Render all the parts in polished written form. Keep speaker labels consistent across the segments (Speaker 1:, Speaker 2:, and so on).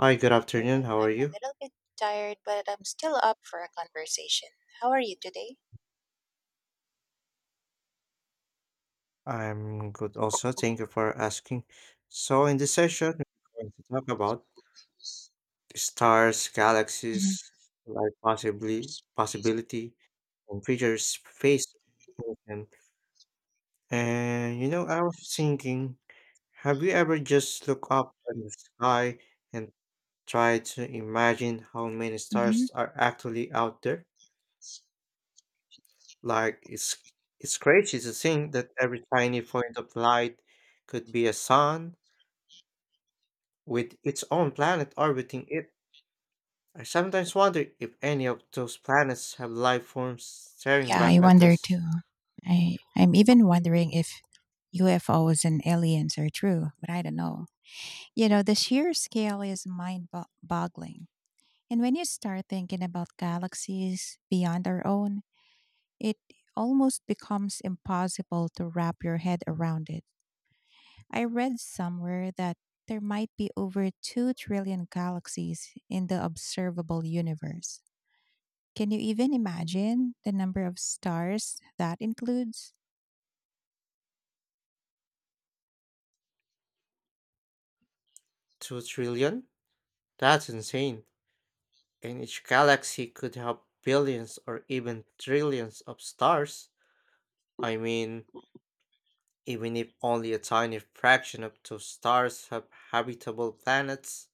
Speaker 1: Hi, good afternoon.
Speaker 2: Noon.
Speaker 1: How are
Speaker 2: I'm a
Speaker 1: you?
Speaker 2: little bit tired, but I'm still up for a conversation. How are you today?
Speaker 1: I'm good also. Thank you for asking. So, in this session, we're going to talk about stars, galaxies, life possibly possibility, and future space exploration. And you know, I was thinking, have you ever just look up in the sky and try to imagine how many
Speaker 2: Mm-hmm.
Speaker 1: stars are actually out there? Like it's crazy to think that every tiny point of light could be a sun with its own planet orbiting it. I sometimes wonder if any of those planets have life forms staring
Speaker 2: Yeah,
Speaker 1: back
Speaker 2: I
Speaker 1: at
Speaker 2: wonder
Speaker 1: us.
Speaker 2: too. I'm even wondering if UFOs and aliens are true, but I don't know. You know, the sheer scale is mind-boggling. And when you start thinking about galaxies beyond our own, it almost becomes impossible to wrap your head around it. I read somewhere that there might be over 2 trillion galaxies in the observable universe. Can you even imagine the number of stars that includes?
Speaker 1: 2 trillion? That's insane. And each galaxy could have billions or even trillions of stars. I mean, even if only a tiny fraction of those stars have habitable planets,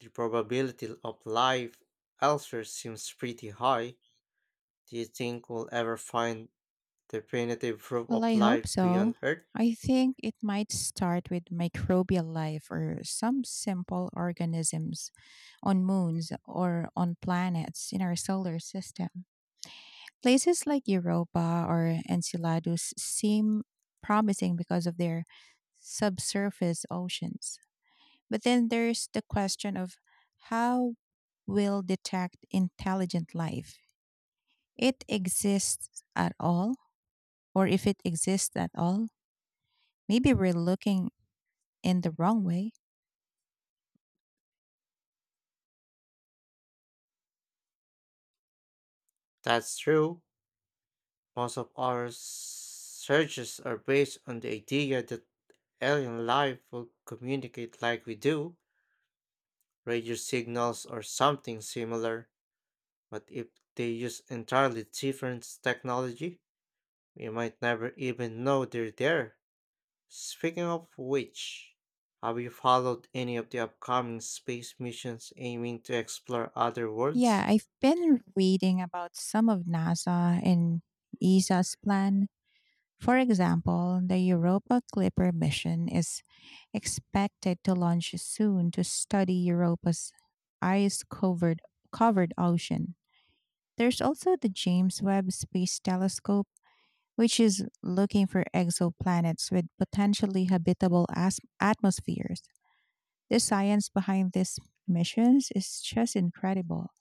Speaker 1: the probability of life elsewhere seems pretty high. Do you think we'll ever find definitive proof
Speaker 2: Well,
Speaker 1: of
Speaker 2: I hope
Speaker 1: life
Speaker 2: so.
Speaker 1: beyond Earth?
Speaker 2: I think it might start with microbial life or some simple organisms on moons or on planets in our solar system. Places like Europa or Enceladus seem promising because of their subsurface oceans. But then there's the question of how will detect intelligent life? It exists at all, or if it exists at all, maybe we're looking in the wrong way.
Speaker 1: That's true. Most of our searches are based on the idea that alien life will communicate like we do, radio signals or something similar. But if they use entirely different technology, we might never even know they're there. Speaking of which, have you followed any of the upcoming space missions aiming to explore other
Speaker 2: Yeah,
Speaker 1: worlds?
Speaker 2: I've been reading about some of NASA and ESA's plan. For example, the Europa Clipper mission is expected to launch soon to study Europa's ice covered ocean. There's also the James Webb Space Telescope, which is looking for exoplanets with potentially atmospheres. The science behind these missions is just incredible.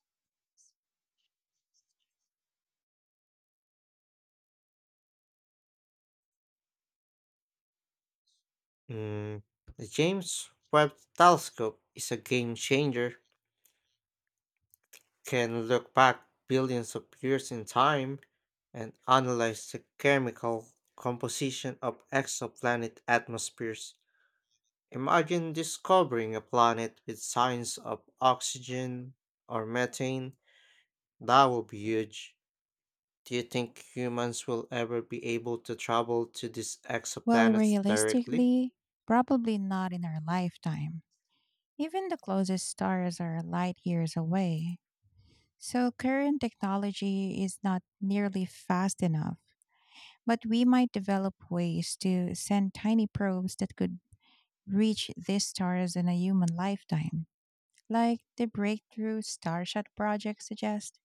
Speaker 1: Mm, the James Webb Telescope is a game changer. Can look back billions of years in time and analyze the chemical composition of exoplanet atmospheres. Imagine discovering a planet with signs of oxygen or methane. That would be huge. Do you think humans will ever be able to travel to these
Speaker 2: Well,
Speaker 1: exoplanets directly?
Speaker 2: realistically, probably not in our lifetime. Even the closest stars are light years away. So, current technology is not nearly fast enough, but we might develop ways to send tiny probes that could reach these stars in a human lifetime, like the breakthrough Starshot project suggests.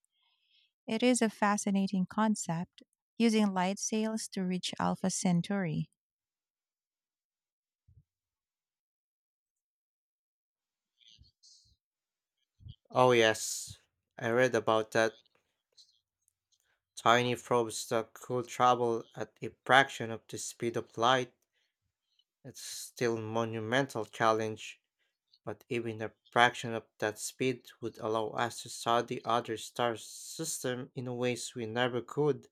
Speaker 2: It is a fascinating concept, using light sails to reach Alpha Centauri.
Speaker 1: Oh, yes. I read about that. Tiny probes that could travel at a fraction of the speed of light. It's still a monumental challenge, but even a fraction of that speed would allow us to study other star systems in ways we never could.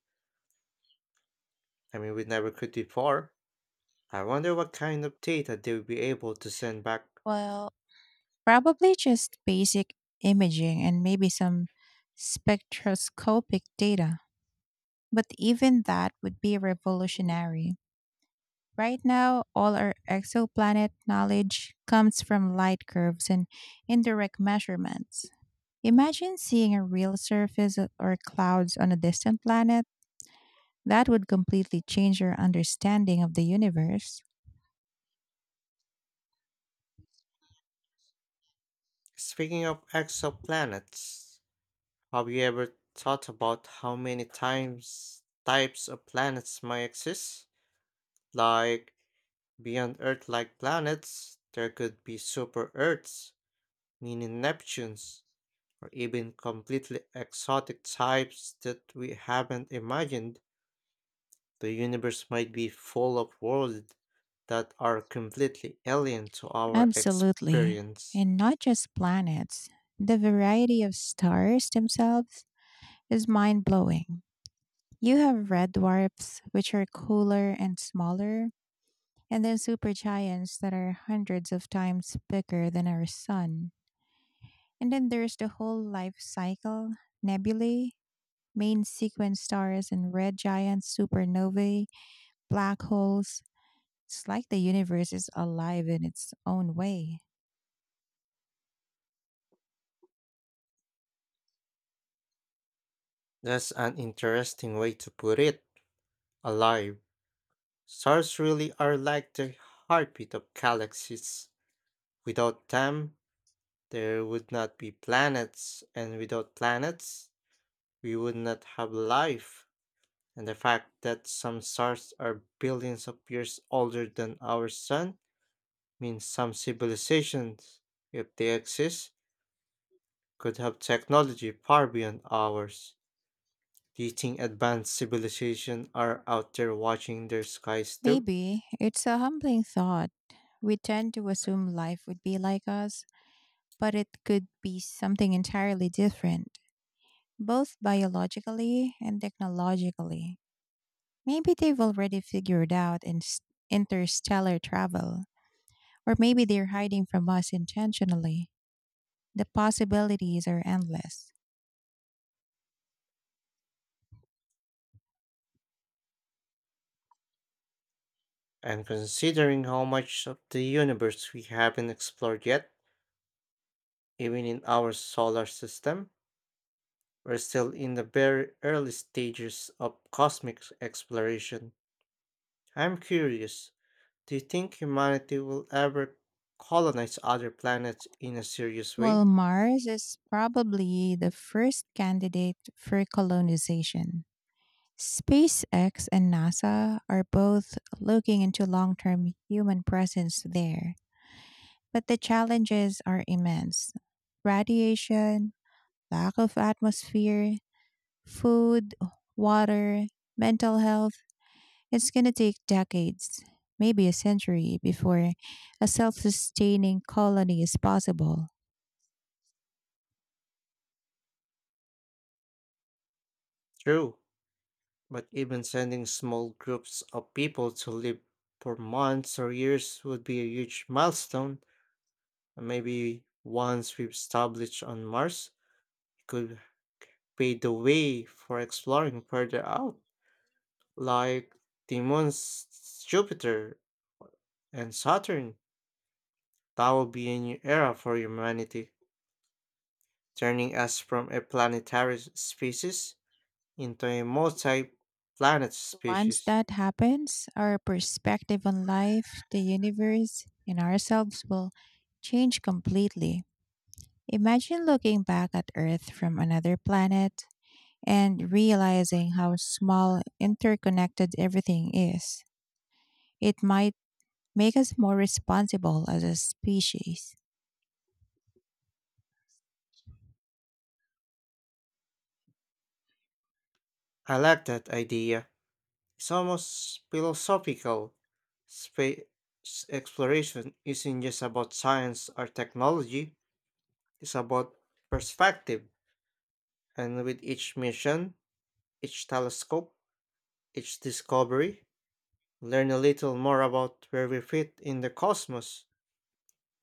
Speaker 1: I mean, we never could before. I wonder what kind of data they'll be able to send back.
Speaker 2: Well, probably just basic imaging and maybe some spectroscopic data, but even that would be revolutionary. Right now, all our exoplanet knowledge comes from light curves and indirect measurements. Imagine seeing a real or clouds on a distant planet. That would completely change your understanding of the universe.
Speaker 1: Speaking of exoplanets, have you ever thought about how many times types of planets might exist? Like beyond Earth-like planets, there could be super Earths, meaning Neptunes, or even completely exotic types that we haven't imagined. The universe might be full of worlds that are completely alien to our
Speaker 2: Absolutely.
Speaker 1: experience.
Speaker 2: And not just planets, the variety of stars themselves is mind blowing. You have red dwarfs, which are cooler and smaller, and then supergiants that are hundreds of times bigger than our sun. And then there's the whole life cycle: nebulae, main sequence stars and red giants, supernovae, black holes. It's like the universe is alive in its own way.
Speaker 1: That's an interesting way to put it. Alive. Stars really are like the heartbeat of galaxies. Without them, there would not be planets, and without planets, we would not have life. And the fact that some stars are billions of years older than our sun means some civilizations, if they exist, could have technology far beyond ours. Do you think advanced civilizations are out there watching their skies too?
Speaker 2: Maybe it's a humbling thought. We tend to assume life would be like us, but it could be something entirely different, both biologically and technologically. Maybe they've already figured out interstellar travel, or maybe they're hiding from us intentionally. The possibilities are endless.
Speaker 1: And considering how much of the universe we haven't explored yet, even in our solar system, we're still in the very early stages of cosmic exploration. I'm curious, do you think humanity will ever colonize other planets in a serious
Speaker 2: Well,
Speaker 1: way?
Speaker 2: Mars is probably the first candidate for colonization. SpaceX and NASA are both looking into long term human presence there, but the challenges are immense. Radiation, lack of atmosphere, food, water, mental health, it's going to take decades, maybe a century, before a self sustaining colony is possible.
Speaker 1: True. But even sending small groups of people to live for months or years would be a huge milestone. And maybe once we've established on Mars, it could pave the way for exploring further out, like the moons Jupiter and Saturn. That would be a new era for humanity, turning us from a planetary species into a multi planet
Speaker 2: Once
Speaker 1: species.
Speaker 2: that happens, our perspective on life, the universe, and ourselves will change completely. Imagine looking back at Earth from another planet and realizing how small, interconnected everything is. It might make us more responsible as a species.
Speaker 1: I like that idea. It's almost philosophical. Space exploration isn't just about science or technology, it's about perspective. And with each mission, each telescope, each discovery, learn a little more about where we fit in the cosmos,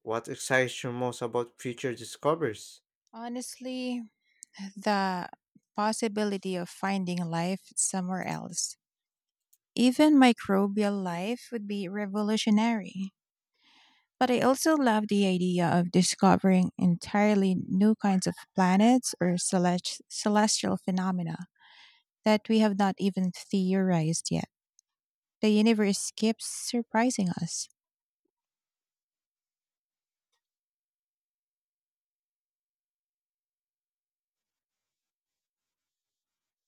Speaker 1: what excites you most about future discoveries.
Speaker 2: Honestly, the possibility of finding life somewhere else, even microbial life, would be revolutionary. But I also love the idea of discovering entirely new kinds of planets or celestial phenomena that we have not even theorized yet. The universe keeps surprising us.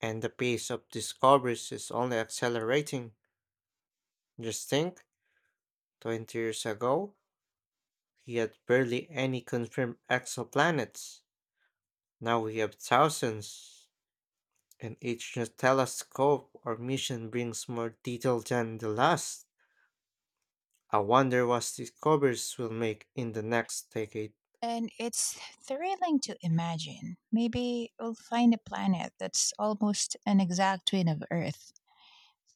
Speaker 1: And the pace of discoveries is only accelerating. Just think, 20 years ago, we had barely any confirmed exoplanets. Now we have thousands, and each new telescope or mission brings more detail than the last. I wonder what discoveries will make in the next decade.
Speaker 2: And it's thrilling to imagine. Maybe we'll find a planet that's almost an exact twin of Earth,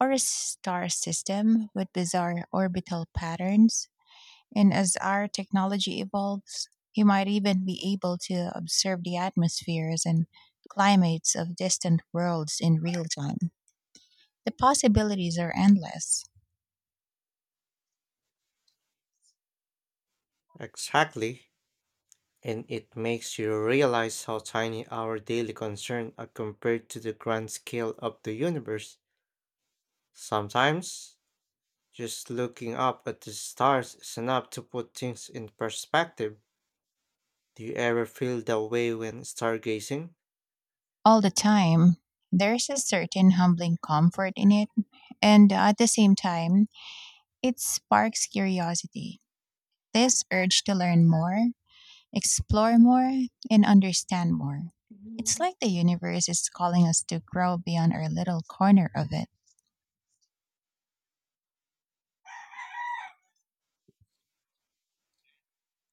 Speaker 2: or a star system with bizarre orbital patterns. And as our technology evolves, he might even be able to observe the atmospheres and climates of distant worlds in real time. The possibilities are endless.
Speaker 1: Exactly. And it makes you realize how tiny our daily concerns are compared to the grand scale of the universe. Sometimes, just looking up at the stars is enough to put things in perspective. Do you ever feel that way when stargazing?
Speaker 2: All the time, there's a certain humbling comfort in it, and at the same time, it sparks curiosity. This urge to learn more, explore more, and understand more. It's like the universe is calling us to grow beyond our little corner of it.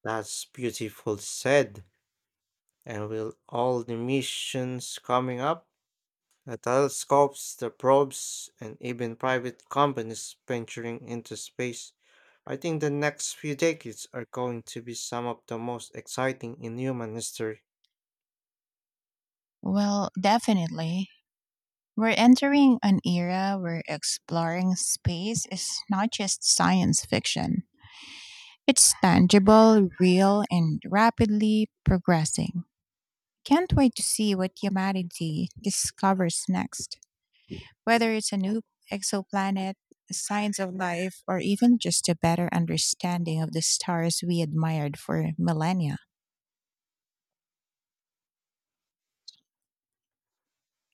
Speaker 1: That's beautiful said. And with all the missions coming up, the telescopes, the probes, and even private companies venturing into space, I think the next few decades are going to be some of the most exciting in human history.
Speaker 2: Well, definitely, we're entering an era where exploring space is not just science fiction. It's tangible, real, and rapidly progressing. Can't wait to see what humanity discovers next, whether it's a new exoplanet, signs of life, or even just a better understanding of the stars we admired for millennia.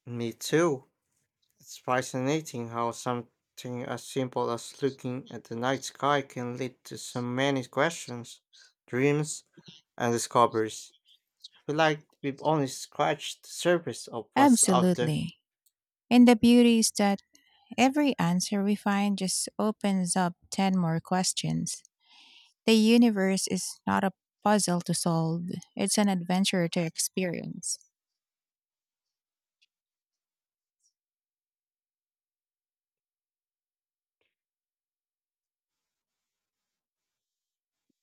Speaker 1: Me too. It's fascinating how something as simple as looking at the night sky can lead to so many questions, dreams, and discoveries. Feel like we've only scratched the surface of what's out there.
Speaker 2: Absolutely. And the beauty is that every answer we find just opens up 10 more questions. The universe is not a puzzle to solve, it's an adventure to experience.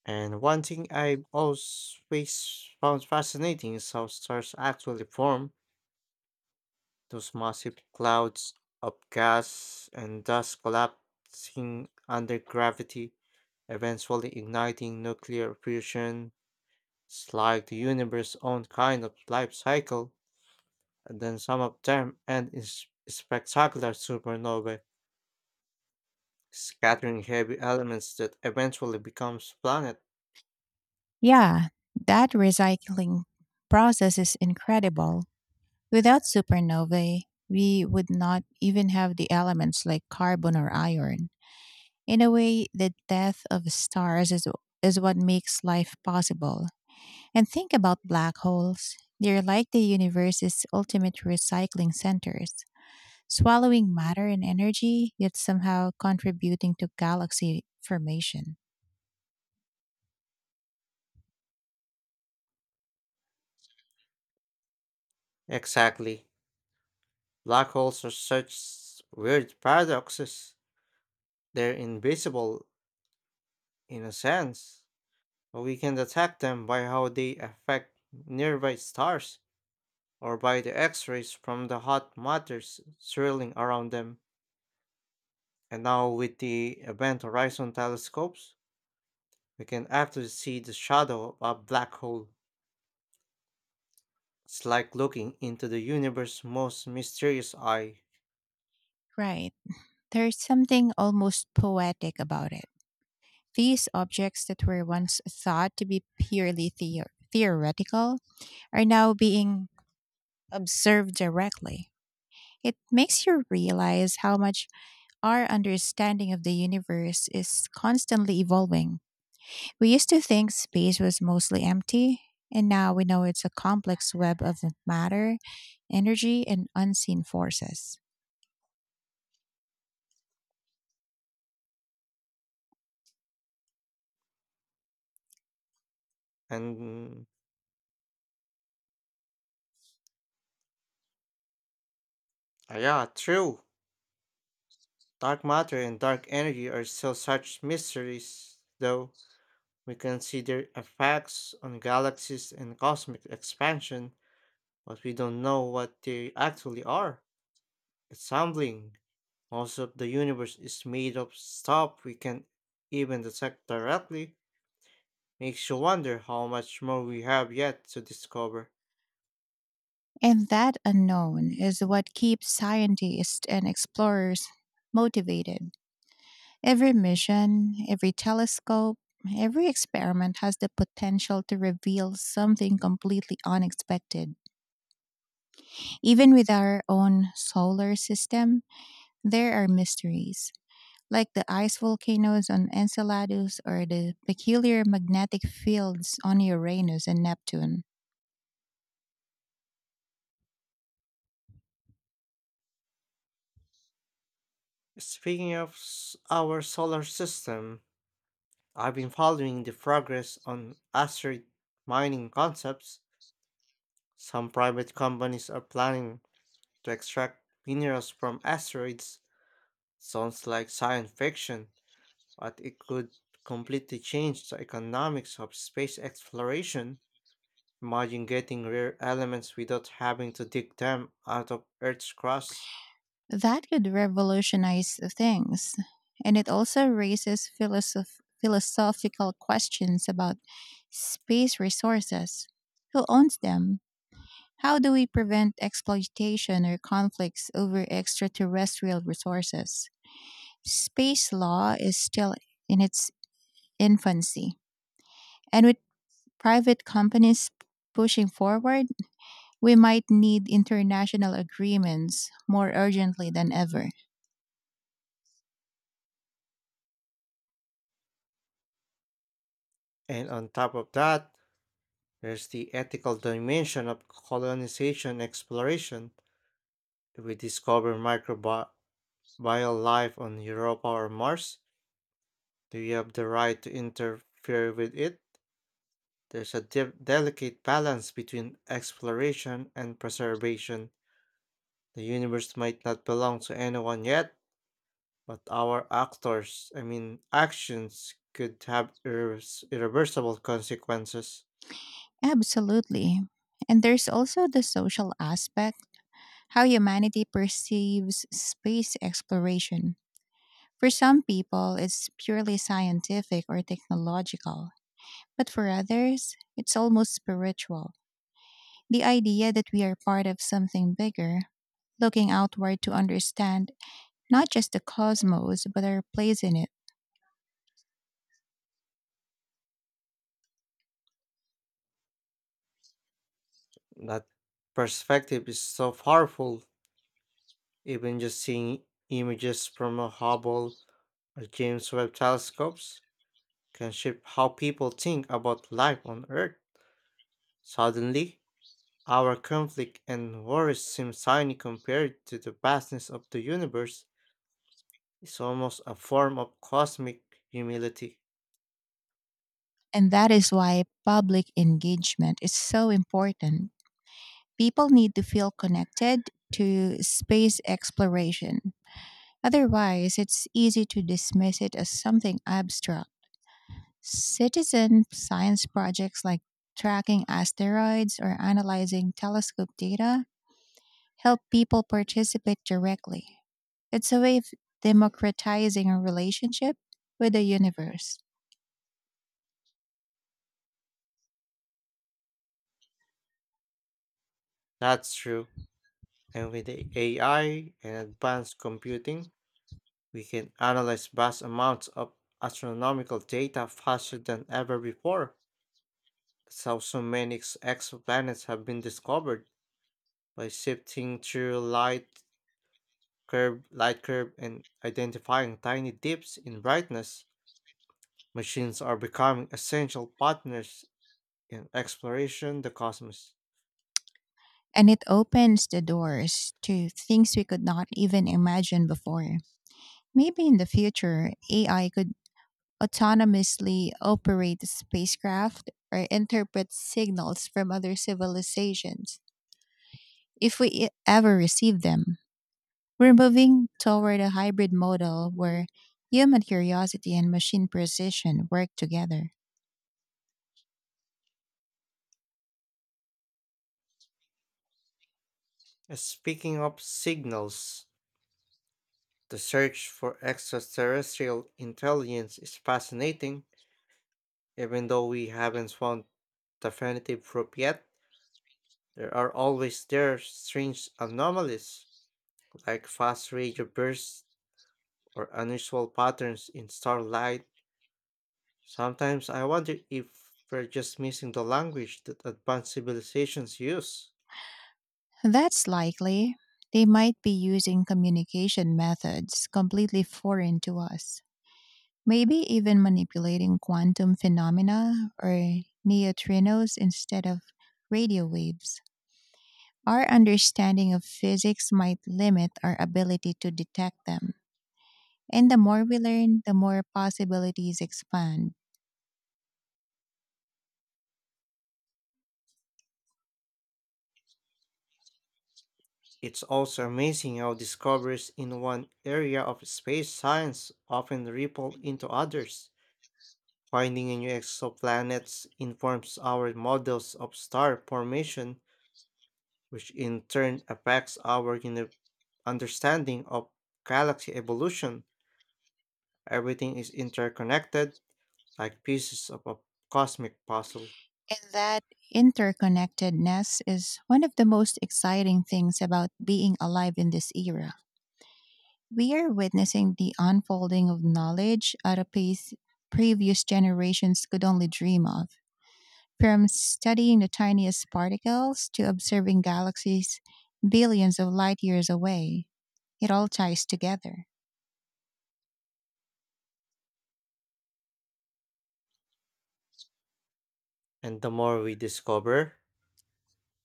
Speaker 1: And one thing I've always found fascinating is how stars actually form those massive clouds of gas and dust collapsing under gravity, eventually igniting nuclear fusion. It's like the universe's own kind of life cycle, and then some of them end in spectacular supernovae, scattering heavy elements that eventually becomes planet.
Speaker 2: Yeah, that recycling process is incredible. Without supernovae, we would not even have the elements like carbon or iron. In a way, the death of stars is what makes life possible. And think about black holes. They're like the universe's ultimate recycling centers, swallowing matter and energy, yet somehow contributing to galaxy formation.
Speaker 1: Exactly. Black holes are such weird paradoxes. They're invisible, in a sense, but we can detect them by how they affect nearby stars, or by the X rays from the hot matters swirling around them. And now, with the Event Horizon telescopes, we can actually see the shadow of a black hole. It's like looking into the universe's most mysterious eye.
Speaker 2: Right. There's something almost poetic about it. These objects that were once thought to be purely theoretical are now being observed directly. It makes you realize how much our understanding of the universe is constantly evolving. We used to think space was mostly empty, and now we know it's a complex web of matter, energy, and unseen forces.
Speaker 1: And, yeah, true. Dark matter and dark energy are still such mysteries, though we consider effects on galaxies and cosmic expansion, but we don't know what they actually are. It's humbling. Most of the universe is made of stuff we can't even detect directly. Makes you wonder how much more we have yet to discover.
Speaker 2: And that unknown is what keeps scientists and explorers motivated. Every mission, every telescope, every experiment has the potential to reveal something completely unexpected. Even with our own solar system, there are mysteries, like the ice volcanoes on Enceladus or the peculiar magnetic fields on Uranus and Neptune.
Speaker 1: Speaking of our solar system, I've been following the progress on asteroid mining concepts. Some private companies are planning to extract minerals from asteroids. Sounds like science fiction, but it could completely change the economics of space exploration. Imagine getting rare elements without having to dig them out of Earth's crust.
Speaker 2: That could revolutionize things. And it also raises philosophical questions about space resources. Who owns them? How do we prevent exploitation or conflicts over extraterrestrial resources? Space law is still in its infancy, and with private companies pushing forward, we might need international agreements more urgently than ever.
Speaker 1: And on top of that, there's the ethical dimension of colonization exploration. If we discover microbial life on Europa or Mars, do you have the right to interfere with it? There's a delicate balance between exploration and preservation. The universe might not belong to anyone yet, but our actors, I mean, actions could have irreversible consequences.
Speaker 2: Absolutely. And there's also the social aspect, how humanity perceives space exploration. For some people, it's purely scientific or technological, but for others, it's almost spiritual. The idea that we are part of something bigger, looking outward to understand not just the cosmos, but our place in it.
Speaker 1: That perspective is so powerful, even just seeing images from a Hubble or James Webb telescopes can shape how people think about life on Earth. Suddenly, our conflict and worries seem tiny compared to the vastness of the universe. It's almost a form of cosmic humility.
Speaker 2: And that is why public engagement is so important. People need to feel connected to space exploration. Otherwise, it's easy to dismiss it as something abstract. Citizen science projects like tracking asteroids or analyzing telescope data help people participate directly. It's a way of democratizing a relationship with the universe.
Speaker 1: That's true. And with the AI and advanced computing, we can analyze vast amounts of astronomical data faster than ever before. That's how so many exoplanets have been discovered by sifting through light curve, and identifying tiny dips in brightness. Machines are becoming essential partners in exploration the cosmos.
Speaker 2: And it opens the doors to things we could not even imagine before. Maybe in the future, AI could autonomously operate spacecraft or interpret signals from other civilizations if we ever receive them. We're moving toward a hybrid model where human curiosity and machine precision work together.
Speaker 1: Speaking of signals, the search for extraterrestrial intelligence is fascinating. Even though we haven't found definitive proof yet, there are always there strange anomalies like fast radio bursts or unusual patterns in starlight. Sometimes I wonder if we're just missing the language that advanced civilizations use.
Speaker 2: That's likely. They might be using communication methods completely foreign to us. Maybe even manipulating quantum phenomena or neutrinos instead of radio waves. Our understanding of physics might limit our ability to detect them. And the more we learn, the more possibilities expand.
Speaker 1: It's also amazing how discoveries in one area of space science often ripple into others. Finding new exoplanets informs our models of star formation, which in turn affects our understanding of galaxy evolution. Everything is interconnected like pieces of a cosmic puzzle.
Speaker 2: And that interconnectedness is one of the most exciting things about being alive in this era. We are witnessing the unfolding of knowledge at a pace previous generations could only dream of. From studying the tiniest particles to observing galaxies billions of light years away, it all ties together.
Speaker 1: And the more we discover,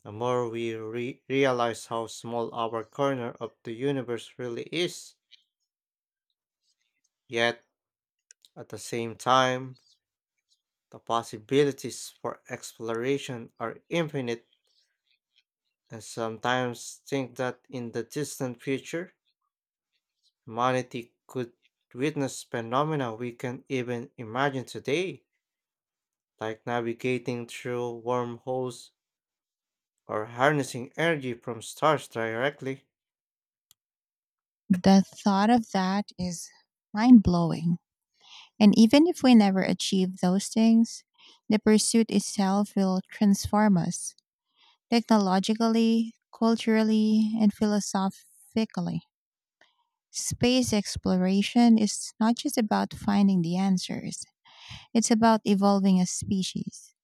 Speaker 1: the more we realize how small our corner of the universe really is. Yet, at the same time, the possibilities for exploration are infinite, and sometimes think that in the distant future, humanity could witness phenomena we can't even imagine today, like navigating through wormholes or harnessing energy from stars directly.
Speaker 2: The thought of that is mind blowing. And even if we never achieve those things, the pursuit itself will transform us technologically, culturally, and philosophically. Space exploration is not just about finding the answers, it's about evolving as species.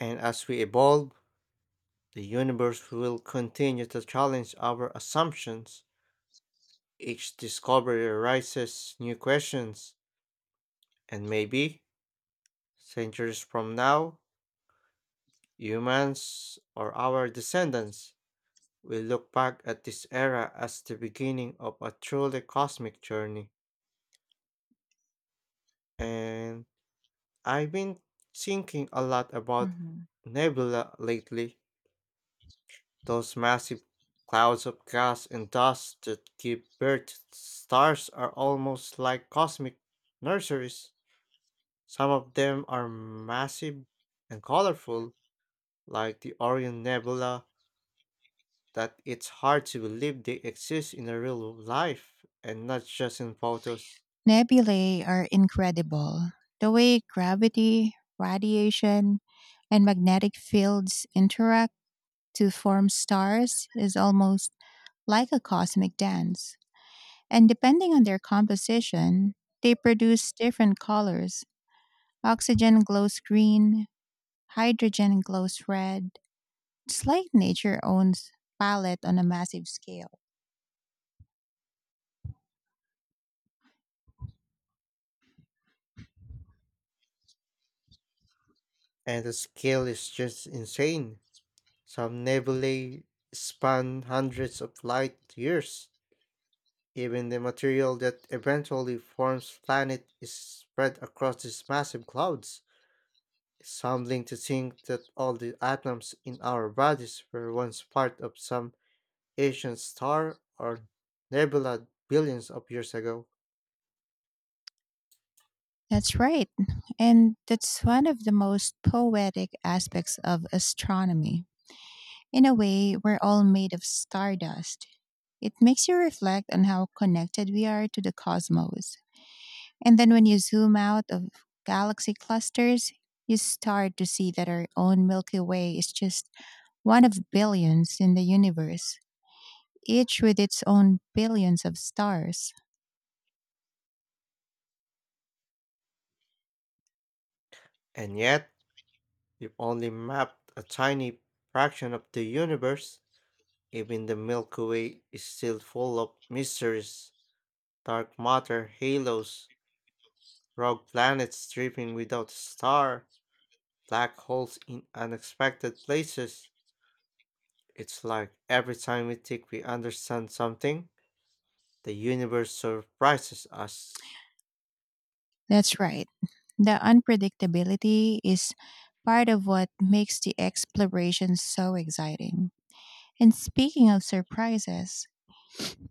Speaker 1: And as we evolve, the universe will continue to challenge our assumptions. Each discovery raises new questions, and maybe centuries from now, humans or our descendants will look back at this era as the beginning of a truly cosmic journey. And I've been thinking a lot about
Speaker 2: Mhm.
Speaker 1: nebula lately, those massive clouds of gas and dust that give birth to stars are almost like cosmic nurseries. Some of them are massive and colorful, like the Orion Nebula that it's hard to believe they exist in a real life and not just in photos.
Speaker 2: Nebulae are incredible. The way gravity, radiation, and magnetic fields interact to form stars is almost like a cosmic dance. And depending on their composition, they produce different colors. Oxygen glows green, hydrogen glows red. It's like nature owns palette on a massive scale.
Speaker 1: And the scale is just insane. Some nebulae span hundreds of light-years. Even the material that eventually forms planet is spread across these massive clouds. It's humbling to think that all the atoms in our bodies were once part of some ancient star or nebula billions of years ago.
Speaker 2: That's right. And that's one of the most poetic aspects of astronomy. In a way, we're all made of stardust. It makes you reflect on how connected we are to the cosmos. And then when you zoom out of galaxy clusters, you start to see that our own Milky Way is just one of billions in the universe, each with its own billions of stars.
Speaker 1: And yet, we've only mapped a tiny fraction of the universe. Even the Milky Way is still full of mysteries, dark matter, halos, rogue planets dripping without a star, black holes in unexpected places. It's like every time we think we understand something, the universe surprises us.
Speaker 2: That's right. The unpredictability is part of what makes the exploration so exciting. And speaking of surprises,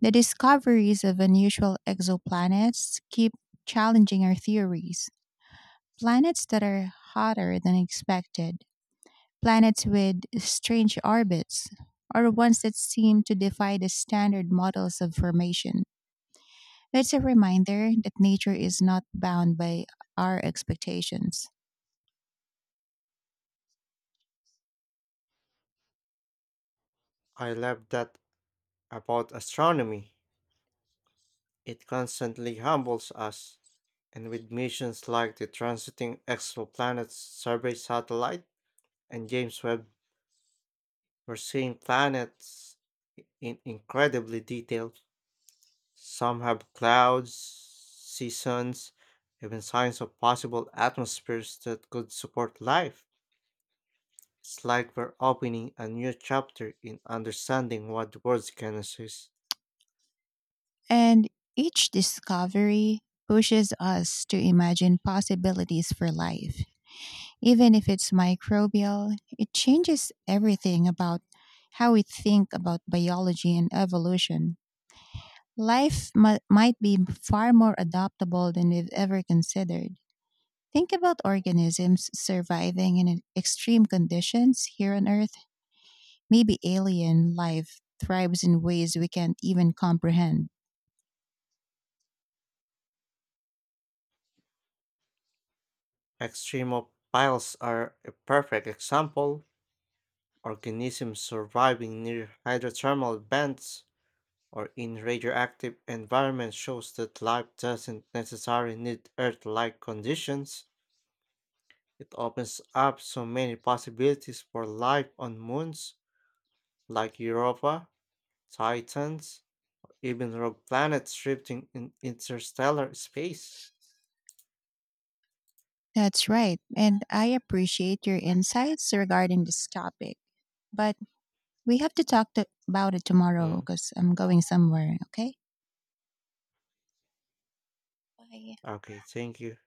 Speaker 2: the discoveries of unusual exoplanets keep challenging our theories. Planets that are hotter than expected, planets with strange orbits, or ones that seem to defy the standard models of formation. It's a reminder that nature is not bound by our expectations.
Speaker 1: I love that about astronomy. It constantly humbles us and with missions like the Transiting Exoplanets Survey Satellite and James Webb, we're seeing planets in incredibly detail. Some have clouds, seasons, even signs of possible atmospheres that could support life. It's like we're opening a new chapter in understanding what the world can assist.
Speaker 2: And each discovery pushes us to imagine possibilities for life. Even if it's microbial, it changes everything about how we think about biology and evolution. Life might be far more adaptable than we've ever considered. Think about organisms surviving in extreme conditions here on Earth. Maybe alien life thrives in ways we can't even comprehend.
Speaker 1: Extremophiles are a perfect example. Organisms surviving near hydrothermal vents or in radioactive environments shows that life doesn't necessarily need Earth like conditions. It opens up so many possibilities for life on moons like Europa, Titans, even rogue planets drifting in interstellar space.
Speaker 2: That's right, and I appreciate your insights regarding this topic. But we have to about it tomorrow
Speaker 1: Mm,
Speaker 2: because I'm going somewhere. Okay. Bye.
Speaker 1: okay, thank you.